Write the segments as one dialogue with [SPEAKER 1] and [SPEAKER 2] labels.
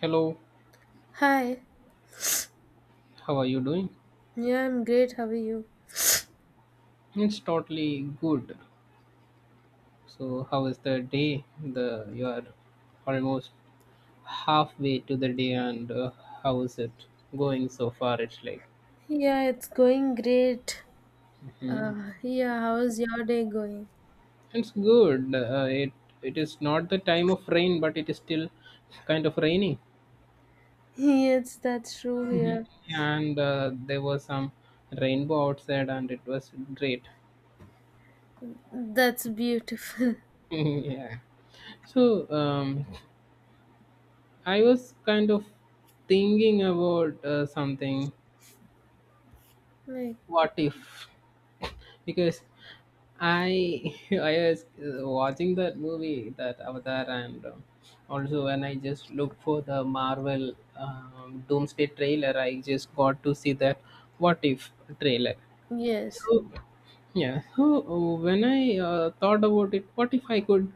[SPEAKER 1] Hello,
[SPEAKER 2] Hi.
[SPEAKER 1] how are you doing?
[SPEAKER 2] Yeah, I'm great. How are you?
[SPEAKER 1] It's totally good. So, how is the day? The you are almost halfway to the day, and how is it going so far? It's like
[SPEAKER 2] Yeah, it's going great.
[SPEAKER 1] hmm
[SPEAKER 2] Yeah, how's your day going?
[SPEAKER 1] it's good. It is not the time of rain, but it is still kind of raining,
[SPEAKER 2] Yes, that's true here.
[SPEAKER 1] and there was some rainbow outside, and it was great.
[SPEAKER 2] That's beautiful.
[SPEAKER 1] Yeah. So, I was kind of thinking about something.
[SPEAKER 2] Like,
[SPEAKER 1] What if, because I I was watching that movie, that Avatar, and also when I just look for the Marvel Doomsday trailer, I just got to see that What If trailer.
[SPEAKER 2] yes.
[SPEAKER 1] So yeah, so when I thought about it, what if I could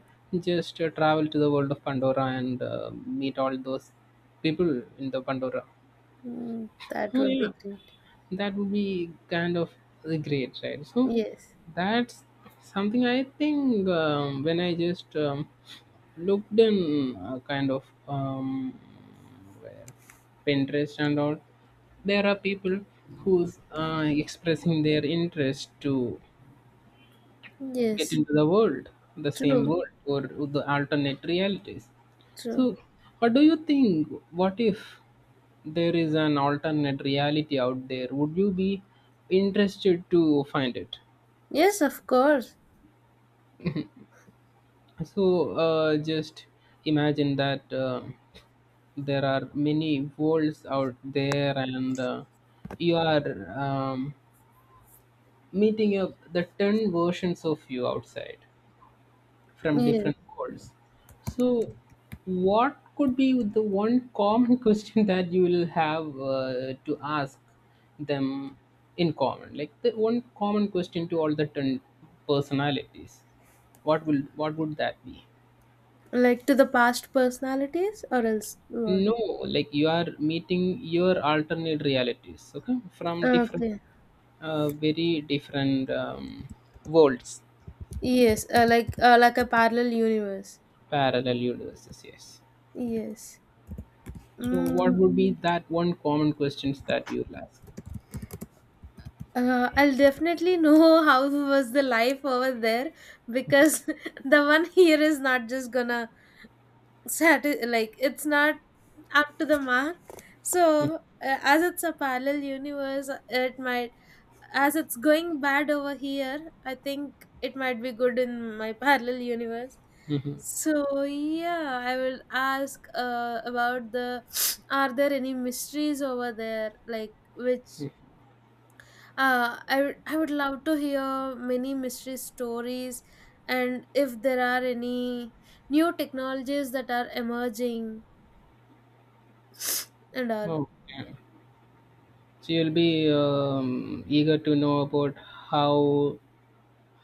[SPEAKER 1] just travel to the world of Pandora and meet all those people in the Pandora.
[SPEAKER 2] That
[SPEAKER 1] Oh,
[SPEAKER 2] would be
[SPEAKER 1] yeah,
[SPEAKER 2] great.
[SPEAKER 1] that would be kind of great, right? So
[SPEAKER 2] Yes,
[SPEAKER 1] that's something I think, when I just looked in, kind of, where, Pinterest and all, there are people who's expressing their interest to get
[SPEAKER 2] yes,
[SPEAKER 1] into the world, the same
[SPEAKER 2] true,
[SPEAKER 1] world or the alternate realities. So
[SPEAKER 2] true.
[SPEAKER 1] what do you think, what if there is an alternate reality out there, would you be interested to find it?
[SPEAKER 2] Yes, of course.
[SPEAKER 1] So just imagine that there are many worlds out there and you are, meeting up the 10 versions of you outside from
[SPEAKER 2] Yes,
[SPEAKER 1] different worlds. So, what could be the one common question that you will have to ask them in common? Like the one common question to all the ten personalities. What would that be?
[SPEAKER 2] like to the past personalities or else what?
[SPEAKER 1] No, like you are meeting your alternate realities, okay, from different,
[SPEAKER 2] Okay.
[SPEAKER 1] very different, worlds,
[SPEAKER 2] Yes, like a parallel universe.
[SPEAKER 1] parallel universes. Yes.
[SPEAKER 2] Yes.
[SPEAKER 1] So, what
[SPEAKER 2] Mm,
[SPEAKER 1] would be that one common questions that you'll ask?
[SPEAKER 2] I'll definitely know how was the life over there because the one here is not just gonna like it's not up to the mark. So as it's a parallel universe, it might, as it's going bad over here. I think it might be good in my parallel universe.
[SPEAKER 1] Hmm.
[SPEAKER 2] So yeah, I will ask about the are there any mysteries over there, like which I would love to hear many mystery stories, and if there are any new technologies that are emerging and all.
[SPEAKER 1] Okay. So you'll be eager to know about how,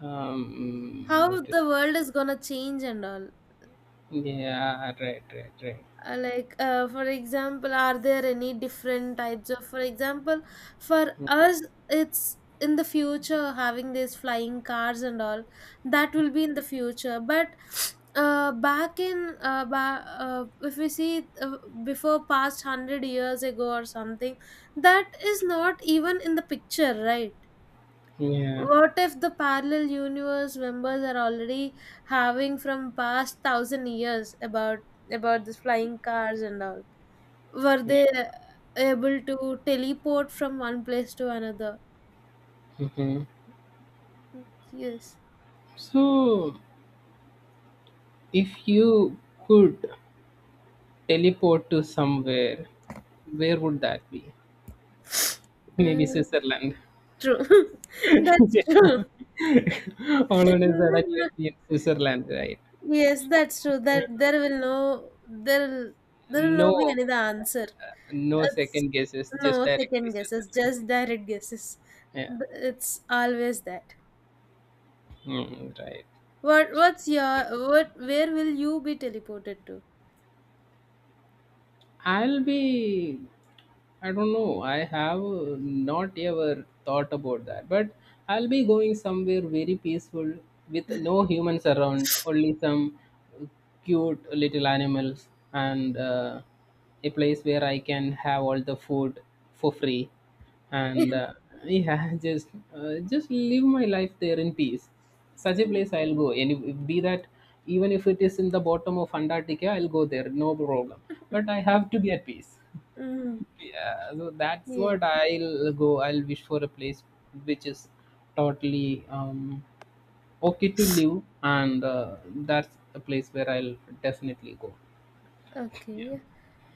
[SPEAKER 1] what?
[SPEAKER 2] How the world is gonna change and all.
[SPEAKER 1] Yeah, right, right, right.
[SPEAKER 2] For example, are there any different types of, for example, for us it's in the future having these flying cars and all, that will be in the future, but back in if we see before past 100 years ago or something, that is not even in the picture, right?
[SPEAKER 1] Yeah.
[SPEAKER 2] What if the parallel universe members are already having from past 1,000 years about this flying cars and all, were
[SPEAKER 1] Yeah.
[SPEAKER 2] they able to teleport from one place to another?
[SPEAKER 1] Hmm.
[SPEAKER 2] Yes.
[SPEAKER 1] So if you could teleport to somewhere, where would that be? Maybe
[SPEAKER 2] Uh,
[SPEAKER 1] Switzerland.
[SPEAKER 2] true. That's true.
[SPEAKER 1] All on is that I will be in Switzerland, right?
[SPEAKER 2] Yes, that's true. That there will no, there will, there will not be
[SPEAKER 1] No,
[SPEAKER 2] another answer.
[SPEAKER 1] no
[SPEAKER 2] It's
[SPEAKER 1] second guesses, just
[SPEAKER 2] no
[SPEAKER 1] directly
[SPEAKER 2] second guesses,
[SPEAKER 1] Switzerland.
[SPEAKER 2] just direct guesses.
[SPEAKER 1] Yeah,
[SPEAKER 2] It's always that.
[SPEAKER 1] mm, right.
[SPEAKER 2] What what's your what where will you be teleported to?
[SPEAKER 1] I'll be I don't know. I have not ever thought about that. But I'll be going somewhere very peaceful with no humans around, only some cute little animals and a place where I can have all the food for free. And yeah, just just live my life there in peace. Such a place I'll go. Any be that, even if it is in the bottom of Antarctica, I'll go there. No problem. But I have to be at peace.
[SPEAKER 2] Mm,
[SPEAKER 1] Yeah, so that's
[SPEAKER 2] yeah.
[SPEAKER 1] what I'll go. I'll wish for a place which is totally, okay to live, and that's a place where I'll definitely go.
[SPEAKER 2] Okay.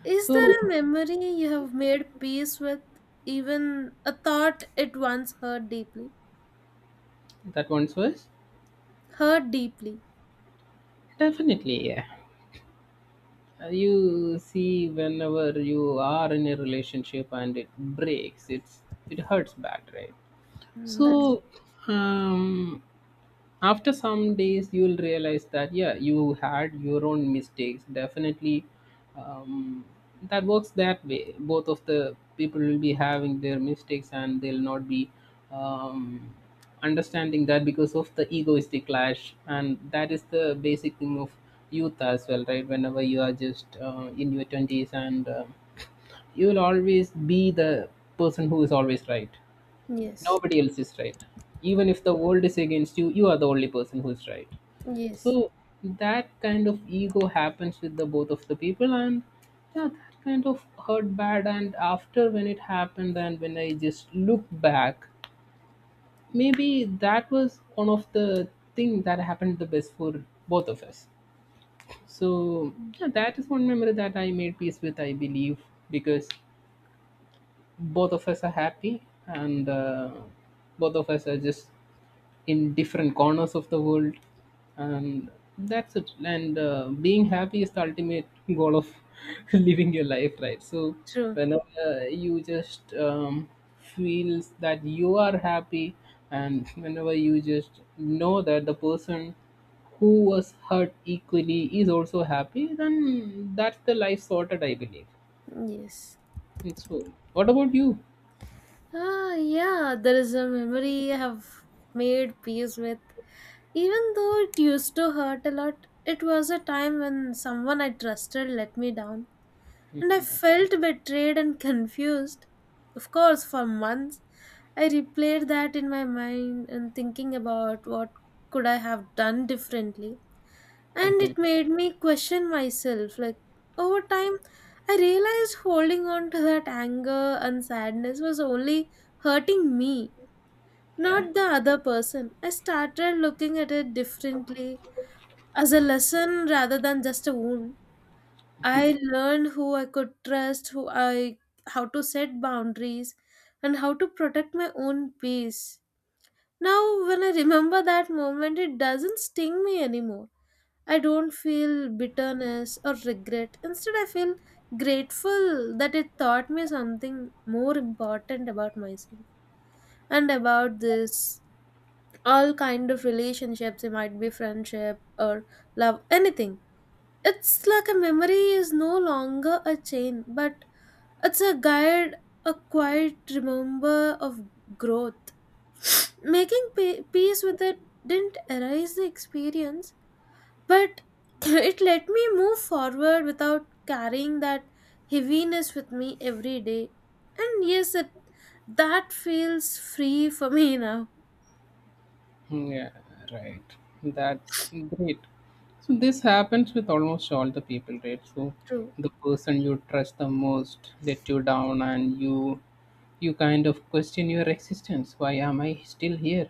[SPEAKER 2] Is
[SPEAKER 1] So
[SPEAKER 2] there a memory you have made peace with, even a thought it once hurt deeply?
[SPEAKER 1] that one's was
[SPEAKER 2] Hurt deeply.
[SPEAKER 1] definitely, yeah. You see, whenever you are in a relationship and it breaks, it's it hurts bad, right?
[SPEAKER 2] Mm, that's
[SPEAKER 1] So um, after some days you'll realize that yeah, you had your own mistakes, definitely, um, that works that way. Both of the people will be having their mistakes and they'll not be um, understanding that because of the egoistic clash, and that is the basic thing of youth as well, right? Whenever you are just in your 20s and you will always be the person who is always right,
[SPEAKER 2] yes,
[SPEAKER 1] nobody else is right, even if the world is against you, you are the only person who is right. So
[SPEAKER 2] yes,
[SPEAKER 1] that kind of ego happens with the both of the people, and yeah, that kind of hurt bad. And after, when it happened and when I just look back, maybe that was one of the thing that happened the best for both of us. So yeah, that is one memory that I made peace with, I believe, because both of us are happy, and both of us are just in different corners of the world, and that's it. And being happy is the ultimate goal of living your life, right? So
[SPEAKER 2] true.
[SPEAKER 1] whenever you just feels that you are happy, and whenever you just know that the person who was hurt equally is also happy, then that's the life sorted, I believe.
[SPEAKER 2] Yes.
[SPEAKER 1] And so what about you?
[SPEAKER 2] Ah, yeah. There is a memory I have made peace with, even though it used to hurt a lot. It was a time when someone I trusted let me down, and I felt betrayed and confused. Of course, for months, I replayed that in my mind and thinking about what could I have done differently. And it made me question myself. Like, over time, I realized holding on to that anger and sadness was only hurting me,
[SPEAKER 1] Yeah.
[SPEAKER 2] not the other person. I started looking at it differently as a lesson rather than just a wound. I learned who I could trust, who I, how to set boundaries and how to protect my own peace. Now when I remember that moment, it doesn't sting me anymore. I don't feel bitterness or regret. Instead, I feel grateful that it taught me something more important about myself and about this, all kind of relationships, it might be friendship or love, anything. It's like a memory is no longer a chain but it's a guide, a quiet remember of growth. Making peace with it didn't erase the experience, but it let me move forward without carrying that heaviness with me every day. And yes, it, that feels free for me now.
[SPEAKER 1] Hmm, yeah, right. That's great. So this happens with almost all the people, right? So
[SPEAKER 2] True.
[SPEAKER 1] the person you trust the most let you down and you kind of question your existence. Why am I still here?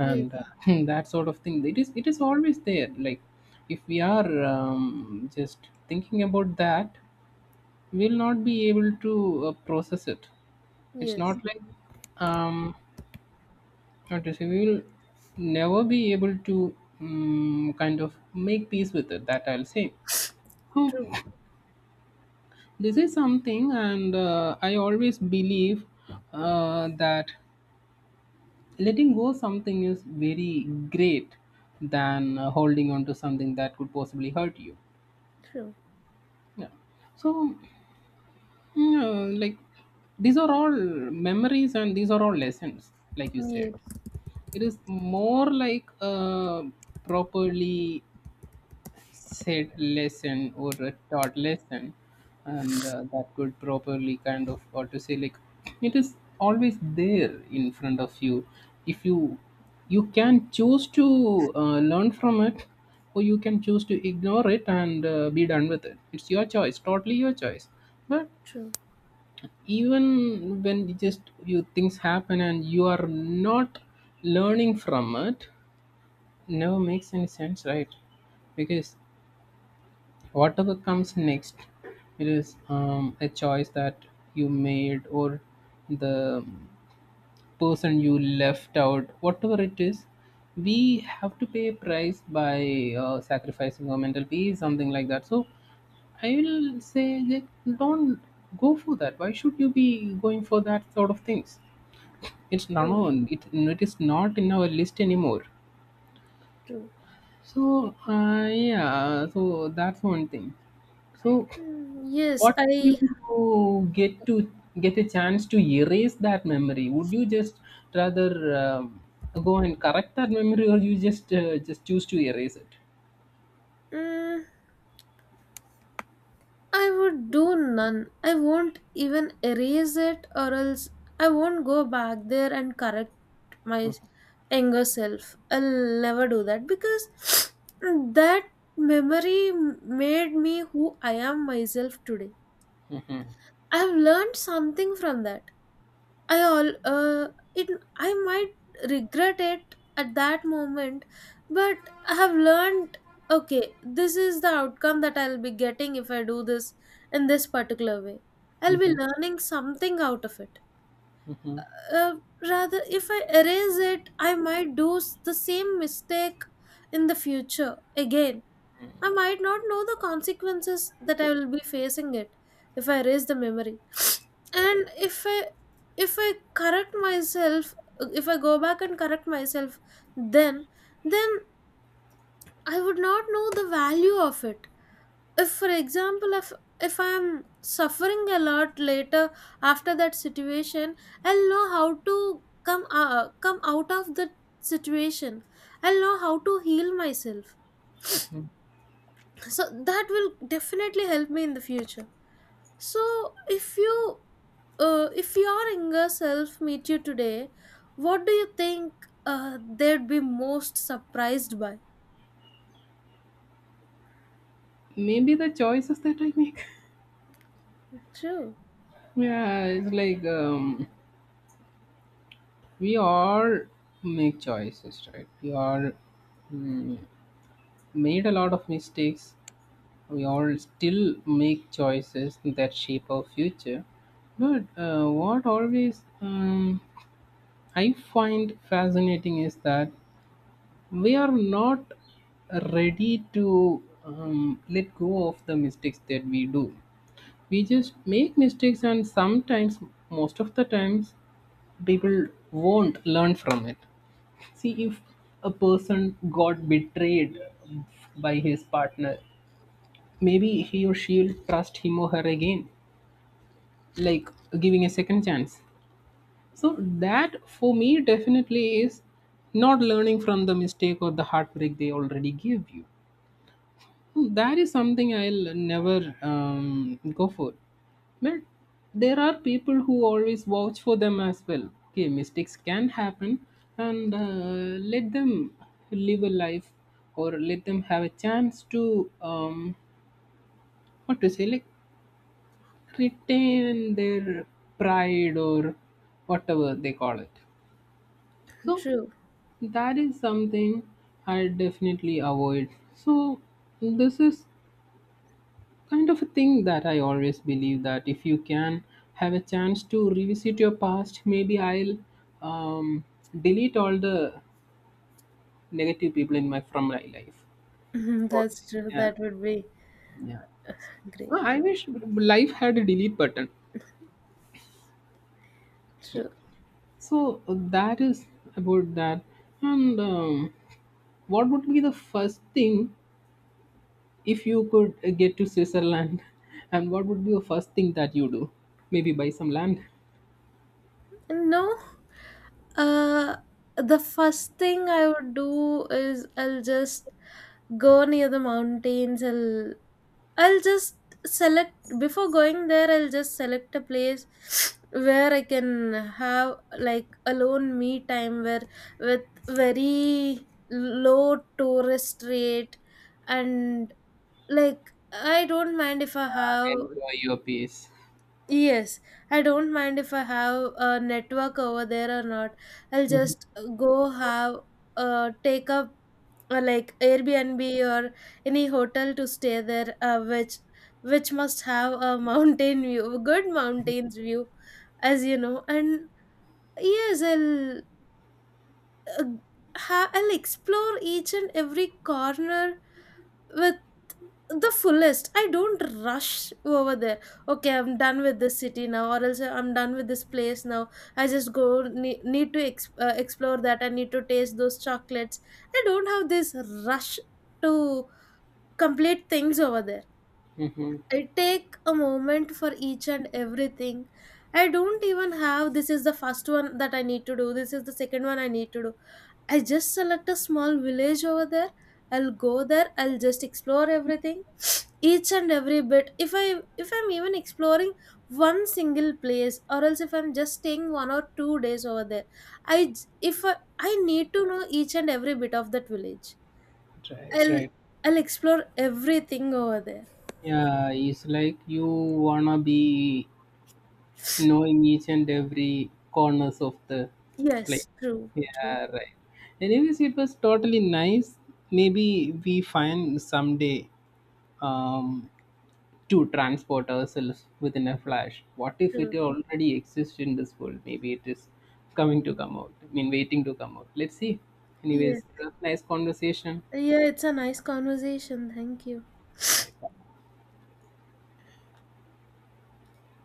[SPEAKER 2] Yes.
[SPEAKER 1] that sort of thing. It is, it is always there. Like if we are, just thinking about that, we'll not be able to process it. It's
[SPEAKER 2] Yes.
[SPEAKER 1] not like, um, not to say we will never be able to, kind of make peace with it. That I'll say. Hmm,
[SPEAKER 2] True.
[SPEAKER 1] this is something, and I always believe that letting go something is very great than holding on to something that could possibly hurt you.
[SPEAKER 2] True.
[SPEAKER 1] Yeah. So, like, these are all memories and these are all lessons, like you said.
[SPEAKER 2] Yes.
[SPEAKER 1] It is more like, properly said lesson or a taught lesson, and that could properly kind of, or to say like, it is always there in front of you. If you, you can choose to learn from it, or you can choose to ignore it and be done with it. It's your choice, totally your choice. But
[SPEAKER 2] True.
[SPEAKER 1] even when you just, you, things happen and you are not learning from it, never makes any sense, right? Because whatever comes next, it is, a choice that you made, or the person you left out, whatever it is. We have to pay a price by sacrificing our mental peace, something like that. So I will say that don't go for that. Why should you be going for that sort of things? It's no,
[SPEAKER 2] True.
[SPEAKER 1] no, it, is not in our list anymore.
[SPEAKER 2] True.
[SPEAKER 1] So yeah, so that's one thing. So,
[SPEAKER 2] Mm, yes,
[SPEAKER 1] what if
[SPEAKER 2] I.
[SPEAKER 1] you get a chance to erase that memory? Would you just rather, um, go and correct that memory, or you just just choose to erase it?
[SPEAKER 2] Mm, I would do none. I won't even erase it, or else I won't go back there and correct my younger self. I'll never do that, because that memory made me who I am myself today. I've learned something from that. I all it, I might regret it at that moment, but I have learned, okay, this is the outcome that I'll be getting if I do this in this particular way. I'll be
[SPEAKER 1] Hmm.
[SPEAKER 2] learning something out of it.
[SPEAKER 1] Hmm.
[SPEAKER 2] Uh, rather, if I erase it, I might do the same mistake in the future again. I might not know the consequences that I will be facing it if I erase the memory. And if I correct myself. If I go back and correct myself, then then I would not know the value of it. If for example if I am suffering a lot later after that situation, I'll know how to come out of the situation. I'll know how to heal myself.
[SPEAKER 1] Hmm.
[SPEAKER 2] So that will definitely help me in the future. So if you, if your younger self meet you today, what do you think they'd be most surprised by?
[SPEAKER 1] Maybe the choices that I make.
[SPEAKER 2] True.
[SPEAKER 1] Yeah, it's like, we all make choices, right? We all, mm, made a lot of mistakes. We all still make choices that shape our future. But what always, I find fascinating is that we are not ready to let go of the mistakes that we do. We just make mistakes, and sometimes, most of the times, people won't learn from it. See, if a person got betrayed by his partner, maybe he or she will trust him or her again, like giving a second chance. So that for me definitely is not learning from the mistake or the heartbreak they already gave you. Hmm, that is something I'll never go for. But there are people who always vouch for them as well. Okay, mistakes can happen, and let them live a life, or let them have a chance to, what to say, like retain their pride or whatever they call it. So
[SPEAKER 2] True.
[SPEAKER 1] that is something I definitely avoid. So, this is kind of a thing that I always believe that if you can have a chance to revisit your past, maybe I'll, um, delete all the negative people in my from my life. Totally.
[SPEAKER 2] That's true.
[SPEAKER 1] Yeah,
[SPEAKER 2] That would be
[SPEAKER 1] yeah.
[SPEAKER 2] great.
[SPEAKER 1] Well, I wish life had a delete button.
[SPEAKER 2] True.
[SPEAKER 1] So that is about that. And, what would be the first thing, if you could get to Switzerland, and what would be the first thing that you do? Maybe buy some land?
[SPEAKER 2] No, uh, the first thing I would do is I'll just go near the mountains. I'll just select before going there. I'll just select a place where I can have, like, alone me time, where with very low tourist rate, and like I don't mind if I have.
[SPEAKER 1] Enjoy your peace.
[SPEAKER 2] Yes, I don't mind if I have a network over there or not. I'll
[SPEAKER 1] Mm-hmm.
[SPEAKER 2] just go have take up like Airbnb or any hotel to stay there, which must have a mountain view, a good mountains view, as you know. And yes, uh, I'll explore each and every corner with the fullest. I don't rush over there. Okay, I'm done with this city now, or else I'm done with this place now. I just go need to explore that. I need to taste those chocolates. I don't have this rush to complete things over there.
[SPEAKER 1] Mm-hmm.
[SPEAKER 2] I take a moment for each and everything. I don't even have this is the first one that I need to do, this is the second one I need to do. I just select a small village over there. I'll go there. I'll just explore everything, each and every bit. If I, if I'm even exploring one single place, or else if I'm just staying 1 or 2 days over there, if I need to know each and every bit of that village.
[SPEAKER 1] Right,
[SPEAKER 2] I'll
[SPEAKER 1] right.
[SPEAKER 2] I'll explore everything over there.
[SPEAKER 1] Yeah, it's like you wanna be knowing each and every corners of the
[SPEAKER 2] Yes,
[SPEAKER 1] place.
[SPEAKER 2] true, true,
[SPEAKER 1] Yeah, right. Anyways, it was totally nice. Maybe we find someday, um, to transport ourselves within a flash. What if it
[SPEAKER 2] true.
[SPEAKER 1] already exists in this world? Maybe it is coming to come out. I mean, waiting to come out. Let's see.
[SPEAKER 2] Yes,
[SPEAKER 1] Anyways, it was nice conversation.
[SPEAKER 2] yeah. It's a nice conversation. Thank you.
[SPEAKER 1] Right.